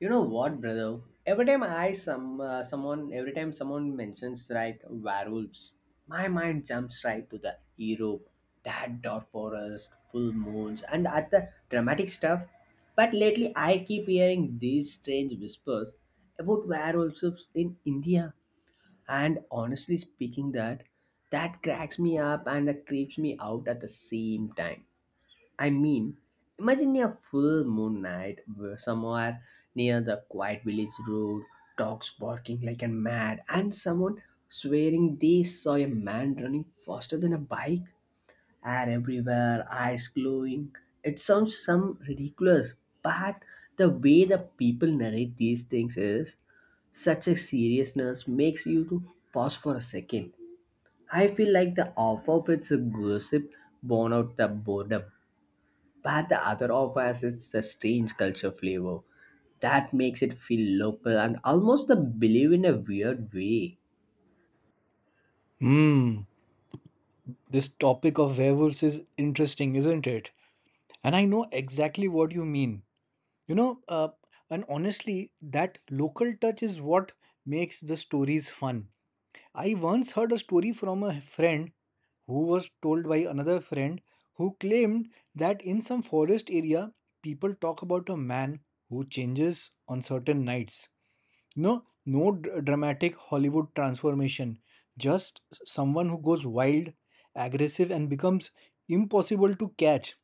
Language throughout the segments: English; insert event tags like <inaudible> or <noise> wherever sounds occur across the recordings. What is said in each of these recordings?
You know what, brother? Every time someone mentions like werewolves, my mind jumps right to the Europe, that dark forest, full moons, and at the dramatic stuff. But lately, I keep hearing these strange whispers about werewolves in India, and honestly speaking, that cracks me up and creeps me out at the same time. I mean, imagine a full moon night where somewhere near the quiet village road, dogs barking like a mad, and someone swearing they saw a man running faster than a bike. Hair everywhere, eyes glowing. It sounds some ridiculous, but the way the people narrate these things is such a seriousness makes you to pause for a second. I feel like the offer of it's a gossip born out the boredom. But the other offers it's the strange culture flavor that makes it feel local and almost the believe in a weird way. Hmm, this topic of werewolves is interesting, isn't it? And I know exactly what you mean. You know, uh, and honestly, that local touch is what makes the stories fun. I once heard a story from a friend who was told by another friend who claimed that in some forest area, people talk about a man who changes on certain nights. No, no dramatic Hollywood transformation. Just someone who goes wild, aggressive, and becomes impossible to catch.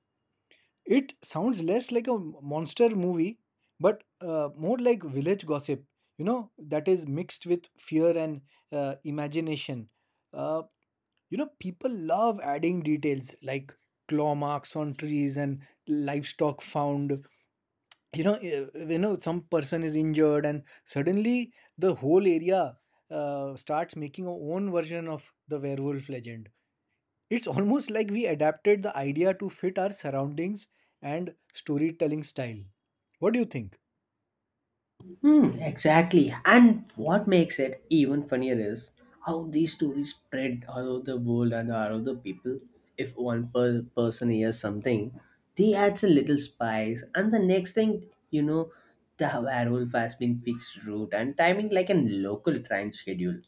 It sounds less like a monster movie, but more like village gossip, that is mixed with fear and imagination. Uh, people love adding details like claw marks on trees and livestock found. Some person is injured and suddenly the whole area starts making our own version of the werewolf legend. It's almost like we adapted the idea to fit our surroundings and storytelling style. What do you think? Hmm, exactly. And what makes it even funnier is how these stories spread all over the world and all over the people. If one person hears something, they adds a little spice, and the next thing you know, the werewolf has been fixed route and timing like a local train schedule.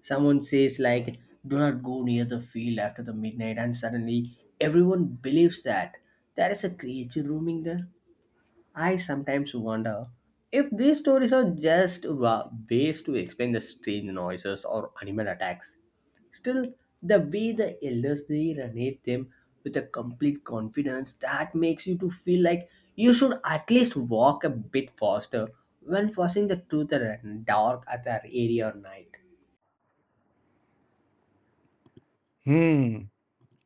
Someone says like do not go near the field after the midnight, and suddenly everyone believes that there is a creature roaming there. I sometimes wonder if these stories are just ways to explain the strange noises or animal attacks. Still, the way the elders they narrate them with a complete confidence that makes you to feel like you should at least walk a bit faster when facing the truth at dark at that area or night. Hmm.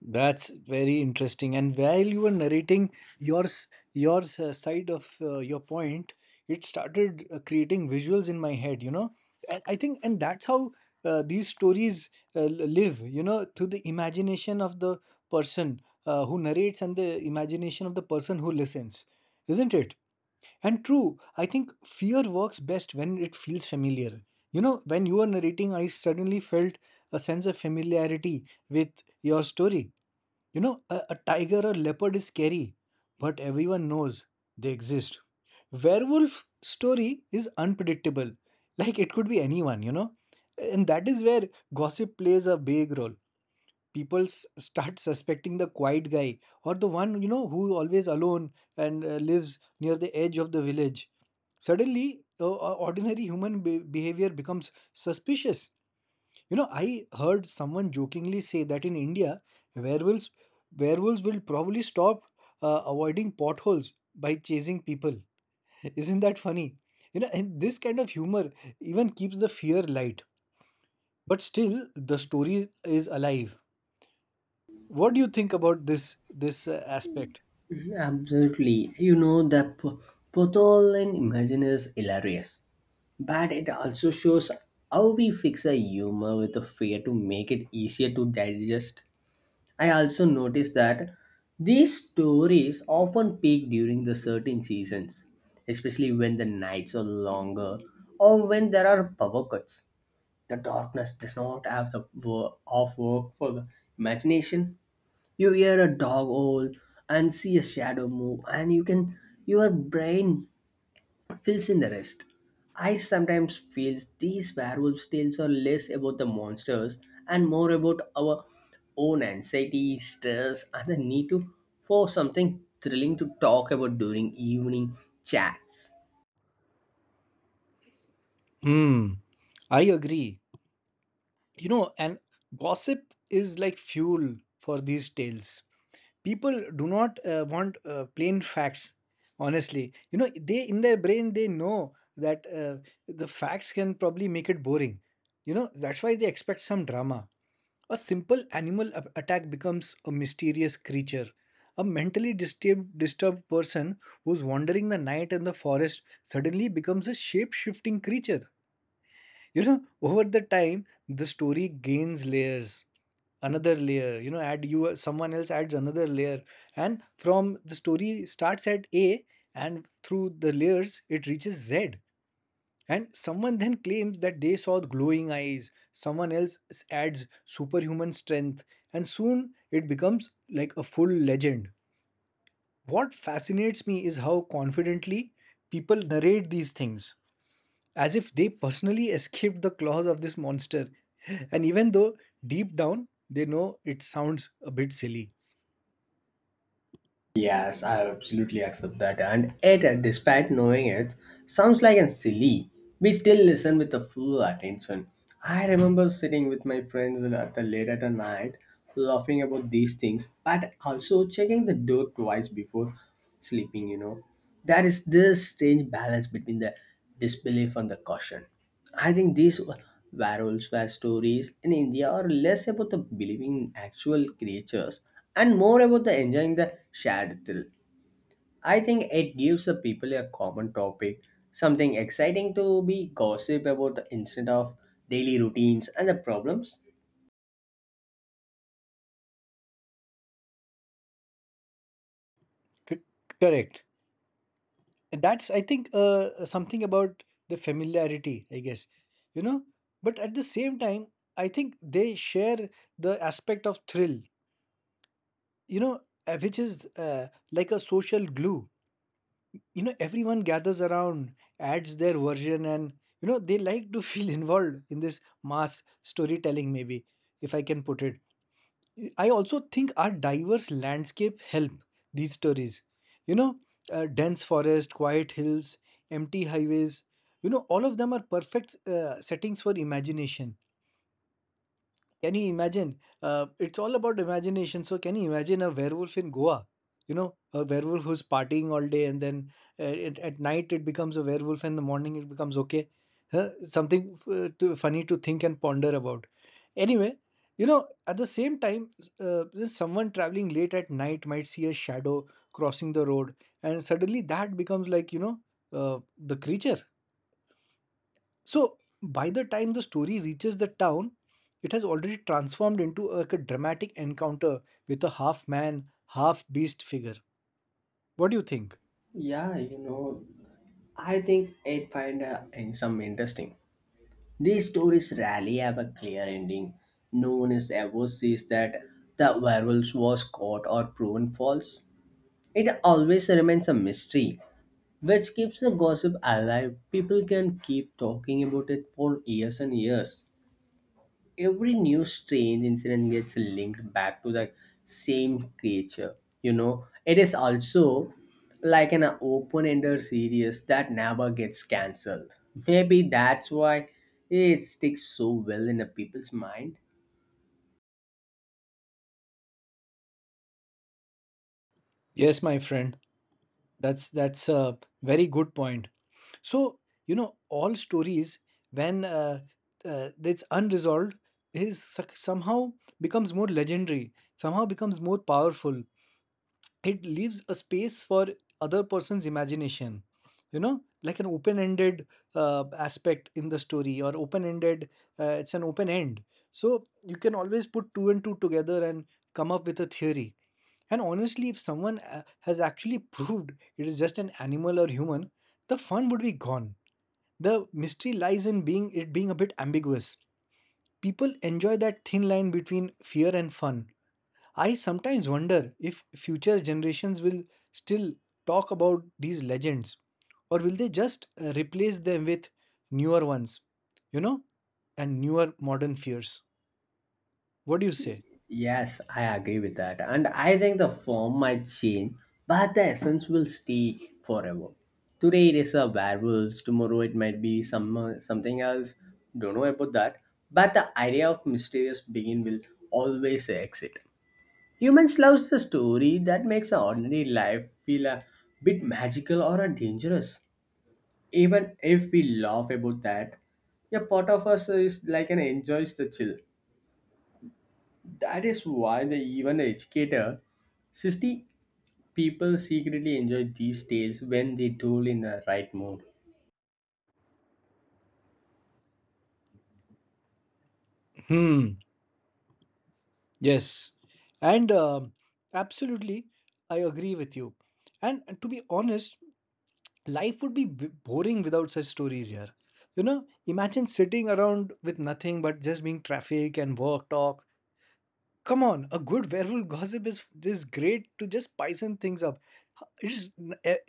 That's very interesting. And while you were narrating your side of your point, it started creating visuals in my head. You know, and I think, and that's how these stories uh, l- live. You know, through the imagination of the person who narrates and the imagination of the person who listens, isn't it? And true, I think fear works best when it feels familiar. You know, when you were narrating, I suddenly felt a sense of familiarity with your story. You know, a tiger or leopard is scary, but everyone knows they exist. Werewolf story is unpredictable. Like it could be anyone, you know? And that is where gossip plays a big role. People start suspecting the quiet guy or the one, you know, who always alone and lives near the edge of the village. Suddenly, ordinary human behavior becomes suspicious. You know, I heard someone jokingly say that in India, werewolves werewolves will probably stop avoiding potholes by chasing people. <laughs> Isn't that funny? You know, and this kind of humor even keeps the fear light. But still, the story is alive. What do you think about this aspect? Absolutely. You know, the Potholin imagine is hilarious, but it also shows how we fix a humor with a fear to make it easier to digest. I also noticed that these stories often peak during the certain seasons, especially when the nights are longer or when there are power cuts. The darkness does not have the of work for the imagination. You hear a dog howl and see a shadow move, and your brain fills in the rest. I sometimes feel these werewolf tales are less about the monsters and more about our own anxiety stress and the need to for something thrilling to talk about during evening chats. Hmm, I agree. You know, and gossip is like fuel for these tales. People do not want plain facts, honestly. You know, they in their brain they know that the facts can probably make it boring. You know, that's why they expect some drama. A simple animal attack becomes a mysterious creature. A mentally disturbed person who's wandering the night in the forest suddenly becomes a shape-shifting creature. You know, over the time, the story gains layers, another layer. You know, add you someone else adds another layer, and from the story starts at A, and through the layers it reaches Z. And someone then claims that they saw glowing eyes. Someone else adds superhuman strength, and soon it becomes like a full legend. What fascinates me is how confidently people narrate these things as if they personally escaped the claws of this monster. And even though deep down they know it sounds a bit silly. Yes, I absolutely accept that. And it, despite knowing it, sounds like a silly. We still listen with a full attention. I remember sitting with my friends at the late at the night, laughing about these things, but also checking the door twice before sleeping. You know, there is this strange balance between the disbelief on the caution. I think these werewolves were stories in India are less about the believing in actual creatures and more about the enjoying the shared thrill. I think it gives the people a common topic, something exciting to be gossip about the instead of daily routines and the problems. C- Correct. And that's, I think, something about the familiarity, I guess. You know? But at the same time, I think they share the aspect of thrill, you know, which is like a social glue. You know, everyone gathers around, adds their version, and you know they like to feel <laughs> involved in this mass storytelling, maybe, if I can put it. I also think our diverse landscape help these stories. You know, dense forest, quiet hills, empty highways. You know, all of them are perfect settings for imagination. Can you imagine? It's all about imagination. So, can you imagine a werewolf in Goa? You know, a werewolf who's partying all day, and then at night it becomes a werewolf, and in the morning it becomes okay. Huh? Something funny to think and ponder about. Anyway, you know, at the same time, someone traveling late at night might see a shadow crossing the road, and suddenly that becomes like, you know, the creature. So by the time the story reaches the town, it has already transformed into like a dramatic encounter with a half man, half beast figure. What do you think? Yeah, you know, I think it find in some interesting. These stories rarely have a clear ending. No one is ever says that the werewolf was caught or proven false. It always remains a mystery, which keeps the gossip alive. People can keep talking about it for years and years. Every new strange incident gets linked back to the same creature. You know, it is also like an open-ended series that never gets cancelled. Maybe that's why it sticks so well in the people's mind. Yes, my friend, that's a very good point. So you know, all stories when it's unresolved is somehow becomes more legendary, somehow becomes more powerful. It leaves a space for other person's imagination. You know, like an open-ended aspect in the story, or open-ended, it's an open end. So you can always put two and two together and come up with a theory. And honestly, if someone has actually <laughs> proved it is just an animal or human, the fun would be gone. The mystery lies in being, it being a bit ambiguous. People enjoy that thin line between fear and fun. I sometimes wonder if future generations will still talk about these legends, or will they just replace them with newer ones, you know, and newer modern fears. What do you say? Yes, I agree with that. And I think the form might change, but the essence will stay forever. Today it is a werewolves, tomorrow it might be something else. Don't know about that. But the idea of mysterious begin will always exit. Humans loves the story that makes our ordinary life feel a bit magical or a dangerous. Even if we laugh about that, a part of us is like an enjoys the chill. That is why the even the educator, 60 people secretly enjoy these tales when they told in the right mood. Hmm, yes. And absolutely, I agree with you. And to be honest, life would be boring without such stories here. You know, imagine sitting around with nothing but just being traffic and work talk. Come on, a good werewolf gossip is great to just spicing things up. It's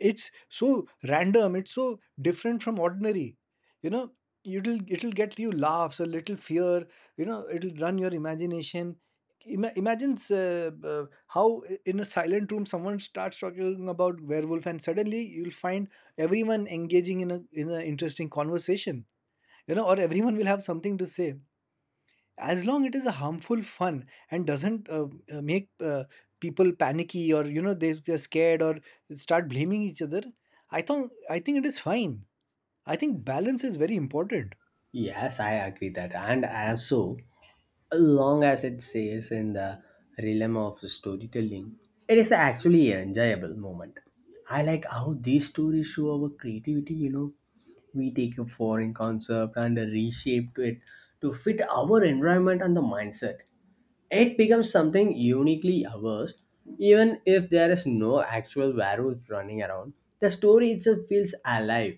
it's so random. It's so different from ordinary. You know, it'll get you laughs, a little fear. You know, it'll run your imagination. Imagine how in a silent room someone starts talking about werewolf, and suddenly you'll find everyone engaging in a in an interesting conversation. You know, or everyone will have something to say as long it is a harmful fun and doesn't make people panicky, or you know they're scared or start blaming each other. I think it is fine. I think balance is very important. Yes, I agree that, and also, long as it says in the realm of storytelling, it is actually an enjoyable moment. I like how these stories show our creativity. You know, we take a foreign concept and reshape it to fit our environment and the mindset. It becomes something uniquely ours, even if there is no actual werewolf running around. The story itself feels alive.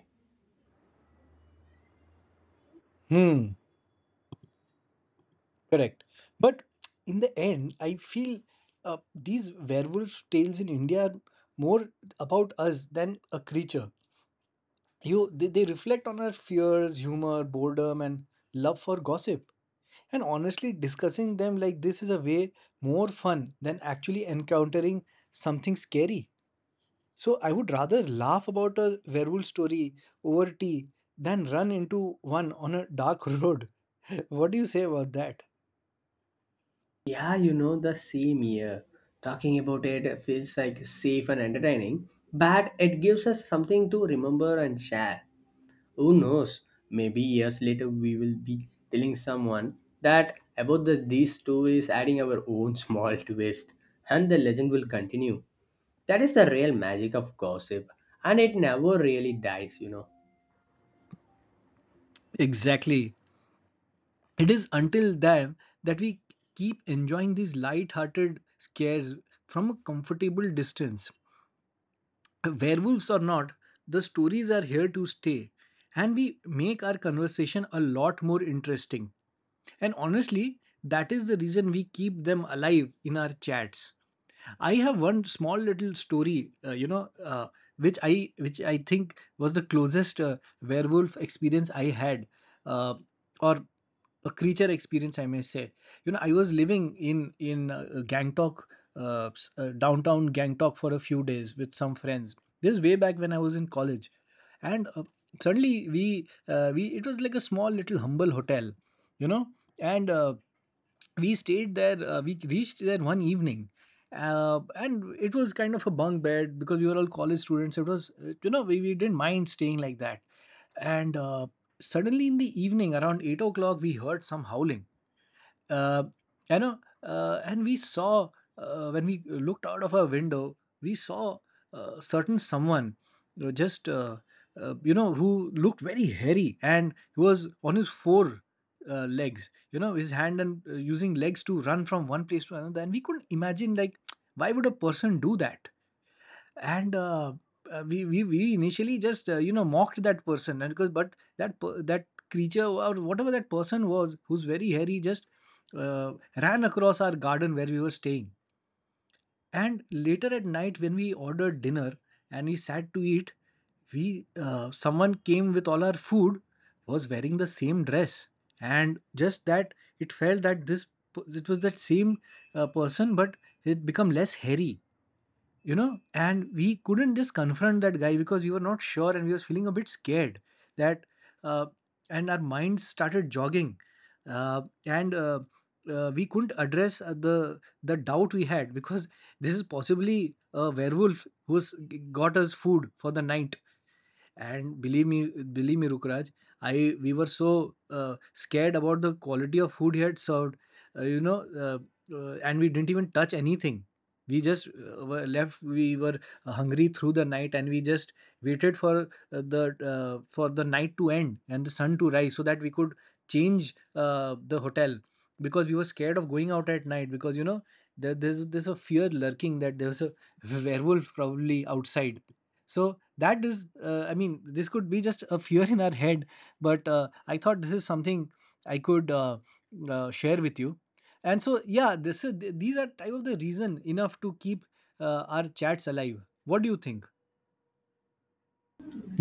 Hmm, correct. But in the end I feel, these werewolf tales in india are more about us than a creature. You they reflect on our fears, humor, boredom, and love for gossip. And honestly, discussing them like this is a way more fun than actually encountering something scary. So I would rather laugh about a werewolf story over tea than run into one on a dark <laughs> road. What do you say about that? Yeah, you know, the same year. Talking about it feels like safe and entertaining, but it gives us something to remember and share. Who knows? Maybe years later we will be telling someone that about these stories, adding our own small twist, and the legend will continue. That is the real magic of gossip, and it never really dies. Exactly. It is until then that we keep enjoying these light hearted scares from a comfortable distance. Werewolves or not, the stories are here to stay, and we make our conversation a lot more interesting. And honestly, that is the reason we keep them alive in our chats. I have one small little story, which I think was the closest werewolf experience I had, uh, or a creature experience, I may say. You know, I was living in Gangtok, downtown Gangtok, for a few days with some friends. This way back when I was in college, and suddenly we it was like a small little humble hotel, you know. And we stayed there, we reached there one evening, and it was kind of a bunk bed because we were all college students. It was, you know, we didn't mind staying like that. And suddenly in the evening around 8 o'clock we heard some howling. uh, and we saw, when we looked out of our window, we saw certain someone, you know, just you know, who looked very hairy, and he was on his four legs. You know, his hand and using legs to run from one place to another, and we couldn't imagine like why would a person do that? And we initially just mocked that person. And because, but that creature, or whatever that person was, who's very hairy, just uh, ran across our garden where we were staying. And later at night when we ordered dinner and we sat to eat, we someone came with all our food, was wearing the same dress. And just that, it felt that it was that same person, but it become less hairy. You know, and we couldn't just confront that guy because we were not sure, and we was feeling a bit scared, that uh, and our minds started jogging. And we couldn't address the doubt we had, because this is possibly a werewolf who's got us food for the night. And believe me, believe me, Rukraj, I we were so scared about the quality of food he had served. Uh, you know uh, uh, and we didn't even touch anything. We just were left we were hungry through the night, and we just waited uh, the for the night to end and the sun to rise so that we could change the hotel, because we were scared of going out at night, because, you know, there's a fear lurking that there's a <laughs> werewolf probably outside. So that is, I mean, this could be just a fear in our head. But I thought this is something I could share with you. And so, yeah, these are type of the reason enough to keep our chats alive. What do you think?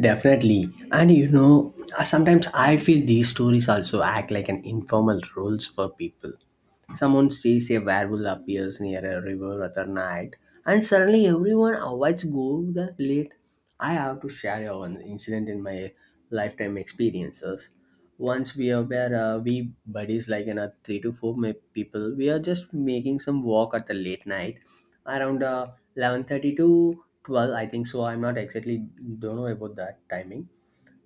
Definitely. And sometimes I feel these stories also act like an informal rules for people. Someone sees a werewolf appears near a river at a night, and suddenly everyone avoids go that late. I have to share one incident in my lifetime experiences. Once we are where we buddies like another three to four people, we are just making some walk at the late night, around 11:30 to 12. I think so. I'm not exactly don't know about that timing.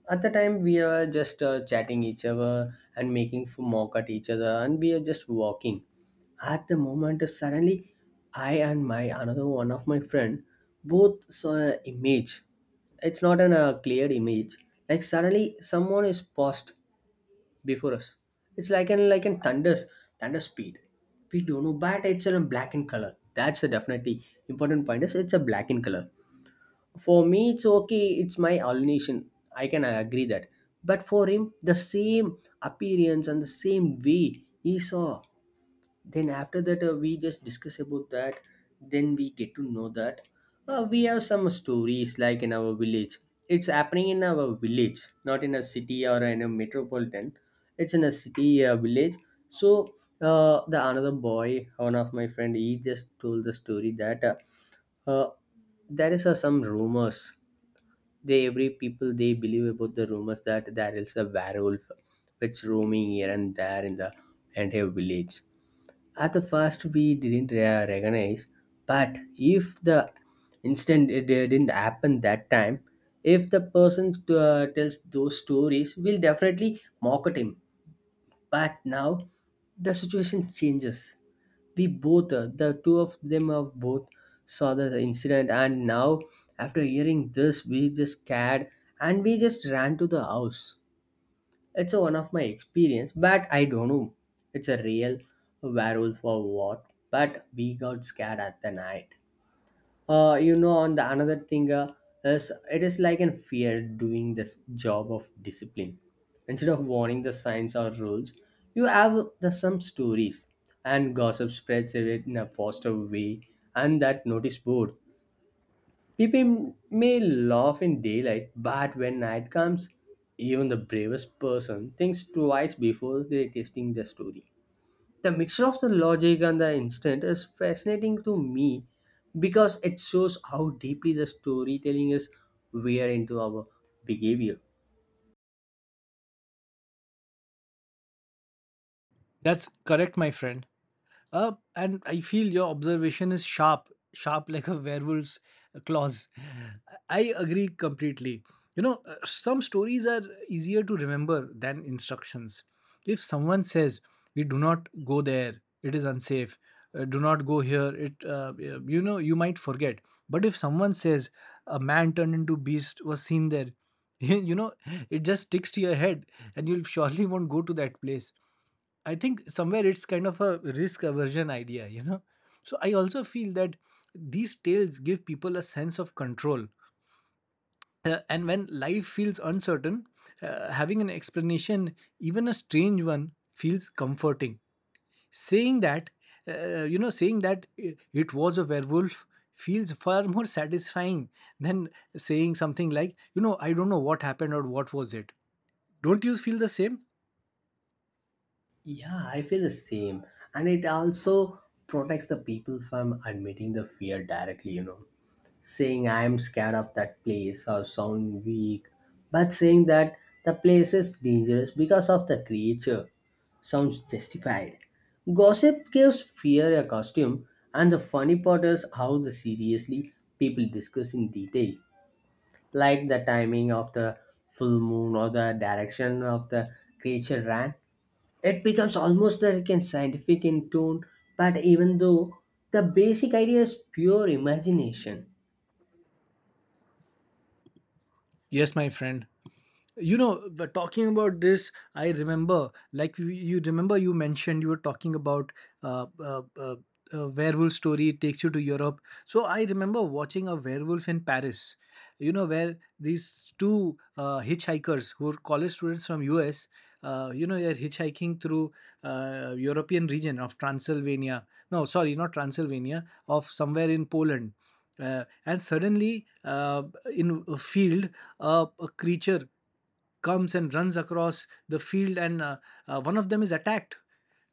At the time we are just chatting each other and making mock at each other, and we are just walking. At the moment suddenly I and my another one of my friend both saw an image. It's not an clear image, like suddenly someone is paused before us. It's like an thunder speed. We don't know, but it's a black in color. That's a definitely important point. Is it's a black in color. For me, it's okay. It's my alienation. I can agree that. But for him, the same appearance and the same way he saw. Then after that we just discuss about that. Then we get to know that we have some stories like in our village. It's happening in our village, not in a city or in a metropolitan. It's in a city village. So the another boy one of my friend he just told the story that uh, there is some rumors. They every people they believe about the rumors that there is a werewolf which roaming here and there in the entire village. At the first we didn't recognize, but if the incident it didn't happen that time, if the person tells those stories, we'll definitely mock at him. But now the situation changes. We both the two of them are both saw the incident, and now after hearing this we just scared, and we just ran to the house. It's a one of my experience, but I don't know. It's a real werewolf or what? But we got scared at the night. On the another thing is it is like in fear doing this job of discipline. Instead of warning the signs or rules, you have the some stories, and gossip spreads it in a faster way and that notice board. People may laugh in daylight, but when night comes, even the bravest person thinks twice before they testing the story. The mixture of the logic and the instinct is fascinating to me because it shows how deeply the storytelling is weaved into our behavior. That's correct, my friend. And I feel your observation is sharp, sharp like a werewolf's claws. I agree completely. You know, some stories are easier to remember than instructions. If someone says, "We do not go there; it is unsafe. Do not go here." You might forget. But if someone says, "A man turned into beast was seen there," <laughs> you know, it just sticks to your head, and you'll <laughs> surely won't go to that place. I think somewhere it's kind of a risk aversion idea. So I also feel that these tales give people a sense of control. And when life feels uncertain, having an explanation, even a strange one, feels comforting. Saying that, saying that it was a werewolf feels far <laughs> more satisfying than saying something like, I don't know what happened or what was it. Don't you feel the same? Yeah, I feel the same, and it also protects the people from admitting the fear directly. Saying I'm scared of that place or sound weak, but saying that the place is dangerous because of the creature sounds justified. Gossip gives fear a costume, and the funny part is how the seriously people discuss in detail, like the timing of the full moon or the direction of the creature ran. It becomes almost like a scientific in tone, but even though the basic idea is pure imagination. Yes, my friend. But talking about this, I remember, like, you remember you mentioned you were talking about uh, uh, uh, a werewolf story takes you to Europe. So I remember watching A Werewolf in Paris, you know, where these two hitchhikers who were college students from us, they're hitchhiking through European region of Transylvania. No, sorry, not Transylvania, of somewhere in Poland. And suddenly, in a field, a creature comes and runs across the field, and one of them is attacked.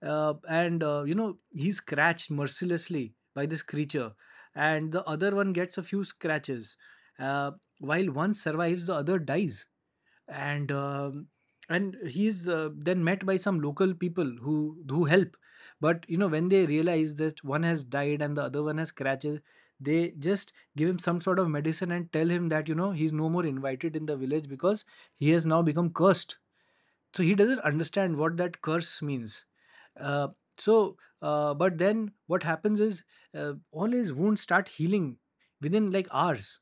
And he's scratched mercilessly by this creature, and the other one gets a few scratches. uh, while one survives, the other dies, and um and he's then met by some local people who help. But you know, when they realize that one has died and the other one has scratches, they just give him some sort of medicine and tell him that, he's no more invited in the village because he has now become cursed. So he doesn't understand what that curse means. uh, so but then what happens is, all his wounds start healing within like hours.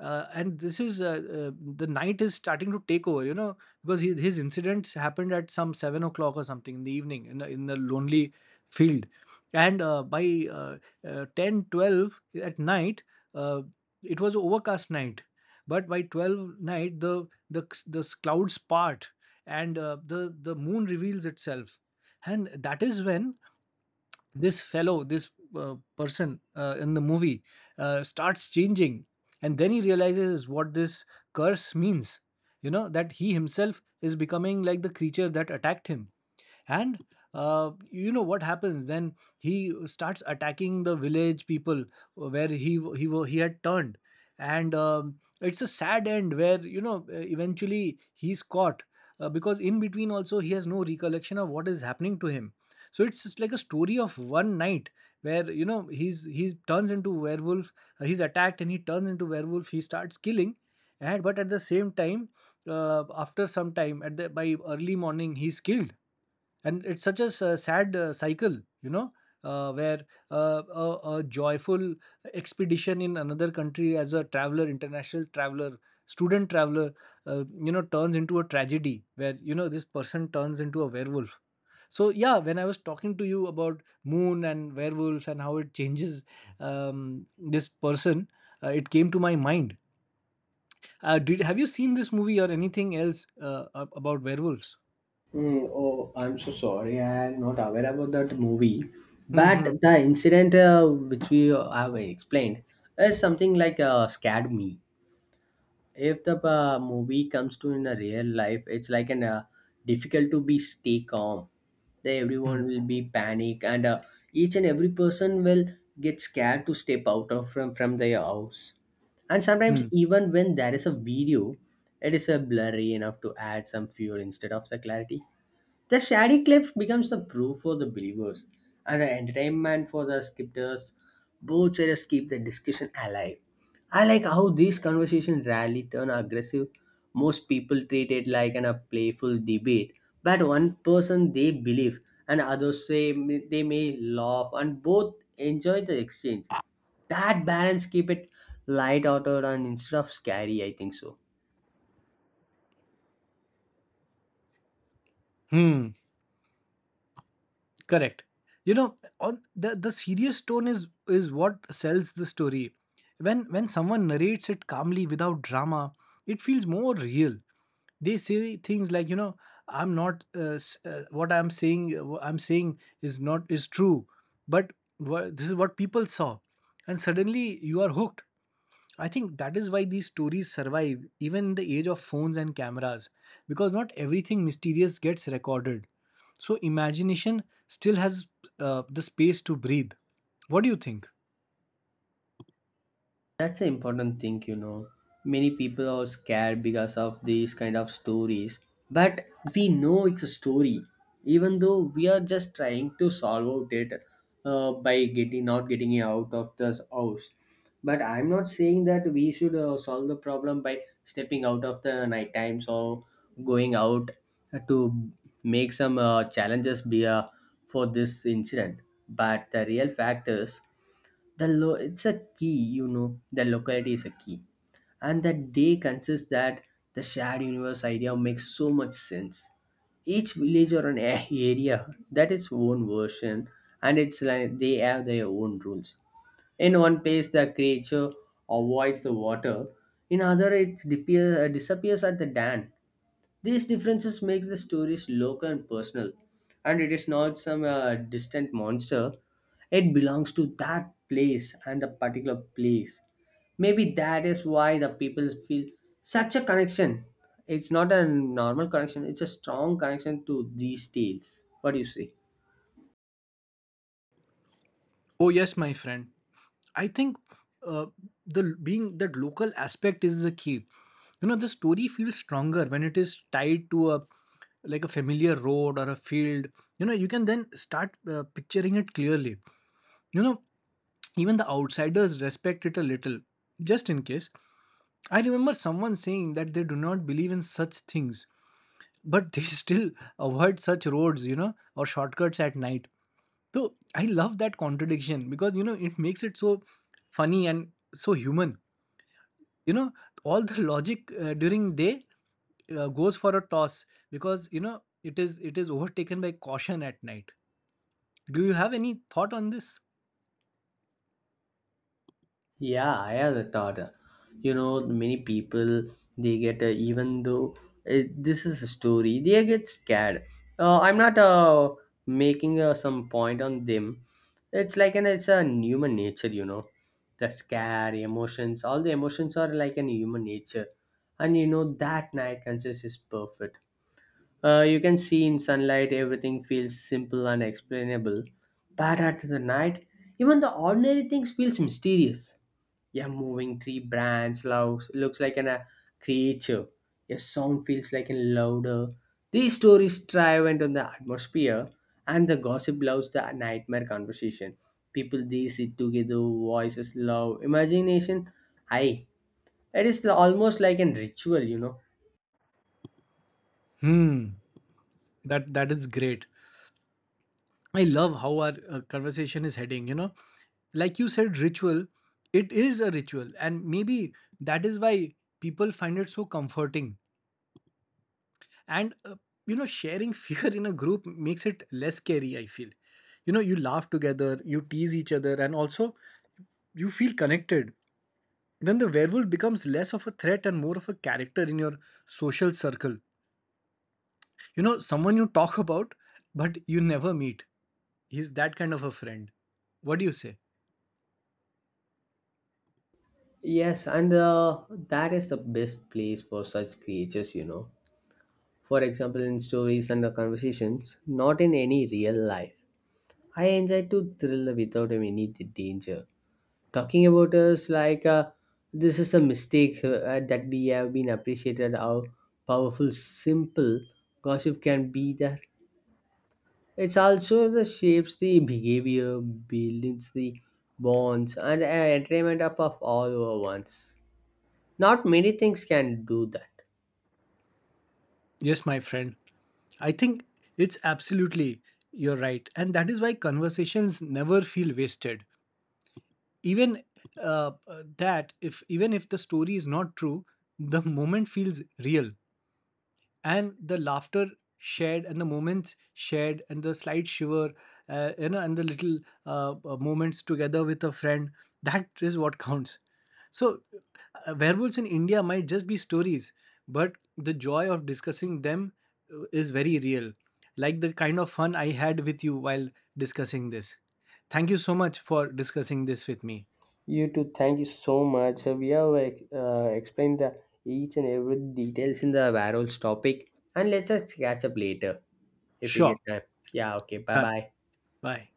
Uh, and this is uh, uh, the night is starting to take over, you know, because his incidents happened at some 7 o'clock or something in the evening, in a lonely field. And by 10, 12 at night, uh, it was overcast night. But by 12 night, the clouds part, and the moon reveals itself. And that is when this person, in the movie, starts changing. And then he realizes what this curse means, that he himself is becoming like the creature that attacked him. And you know what happens then, he starts attacking the village people where he had turned. And it's a sad end where, you know, eventually he's caught, because in between also he has no recollection of what is happening to him. So it's just like a story of one night where, you know, he turns into werewolf. He's attacked and he turns into werewolf, he starts killing. And but at the same time, after some time, at the by early morning, he's killed. And it's such a sad cycle, you know, where a joyful expedition in another country as a traveler, international traveler, student traveler, turns into a tragedy where, you know, this person turns into a werewolf. So, yeah, when I was talking to you about moon and werewolves and how it changes, um, this person, it came to my mind. Did Have you seen this movie or anything else about werewolves? Mm, oh, I'm so sorry. I'm not aware about that movie. Hmm. But Hmm. the incident which we have explained is something like scared me. If the movie comes to in a real life, it's like an difficult to be stay calm. Then Hmm. everyone will be panic, and each and every person will get scared to step out of from their house. And sometimes Hmm. even when there is a video, it is a blurry enough to add some fuel instead of the clarity. The shady cliff becomes a proof for the believers and the entertainment for the skeptics. Both sides keep the discussion alive. I like how these conversations rarely turn aggressive. Most people treat it like a playful debate, but one person they believe and others say they may laugh and both enjoy the exchange. That balance keep it light-hearted and instead of scary, I think so. Hmm. Correct. You know, on the serious tone is what sells the story. When someone narrates it calmly without drama, it feels more real. They say things like, you know, I'm not, what I'm saying. I'm saying is not, is true, but this is what people saw, and suddenly you are hooked. I think that is why these stories survive even in the age of phones and cameras, because not everything mysterious gets recorded. So imagination still has the space to breathe. What do you think? That's an important thing. Many people are scared because of these kind of stories, but we know it's a story, even though we are just trying to solve out it by getting not getting out of the house. But I'm not saying that we should solve the problem by stepping out of the night times or going out to make some challenges for this incident. But the real fact is the it's a key, you know, the locality is a key, and that they consist that the shared universe idea makes so much sense. Each village or an area that its own version, and it's like they have their own rules. In one place the creature avoids the water, in other it disappears at the dam. These differences make the stories local and personal, and it is not some distant monster. It belongs to that place and the particular place. Maybe that is why the people feel such a connection. It's not a normal connection, it's a strong connection to these tales. What do you say? Oh yes, my friend. I think, uh, the being that local aspect is the key. You know, the story feels stronger when it is tied to a familiar road or a field. You know, you can then start picturing it clearly. You know, even the outsiders respect it a little, just in case. I remember someone saying that they do not believe in such things, but they <laughs> still avoid such roads, you know, or shortcuts at night. So I love that contradiction because, you know, it makes it so funny and so human. You know, all the logic during day goes for a toss because, you know, it is overtaken by caution at night. Do you have any thought on this? Yeah, I have a thought. You know, many people they get even though this is a story, they get scared. I'm not making some point on them. It's like an it's a human nature. The scare, emotions, all the emotions are like an human nature, and you know that night consists is perfect. You can see in sunlight everything feels simple and explainable, but at the night, even the ordinary things feels mysterious. Yeah, moving three brands looks like a creature. A sound feels like a louder. These stories thrive into the atmosphere, and the gossip loves the nightmare conversation. People they sit together, voices loud, imagination high. It is almost like a ritual. Hmm, that is great. I love how our conversation is heading. You know, like you said, ritual, it is a ritual. And maybe that is why people find it so comforting. And, you know, sharing <laughs> fear in a group makes it less scary, I feel. You know, you laugh together, you tease each other, and also you feel connected. Then the werewolf becomes less of a threat and more of a character in your social circle. You know, someone you talk about, but you never meet. He's that kind of a friend. What do you say? Yes, and that is the best place for such creatures. For example, in stories and the conversations, not in any real life. I enjoy to thrill without any danger. Talking about us like this is a mistake that we have been appreciated how powerful simple gossip can be there. It's also the shapes the behavior, builds the bonds and entertainment of all our ones. Not many things can do that. Yes, my friend. I think it's absolutely you're right. And that is why conversations never feel wasted. Even even if the story is not true, the moment feels real, and the laughter shared, and the moments shared, and the slight shiver, and the little moments together with a friend, that is what counts. So, werewolves in India might just be stories, but the joy of discussing them is very real, like the kind of fun I had with you while discussing this. Thank you so much for discussing this with me. You too. Thank you so much. We have explained the each and every details in the Varol's topic, and let's just catch up later. If you get Sure. time. Yeah, okay. Bye Done. bye. Bye.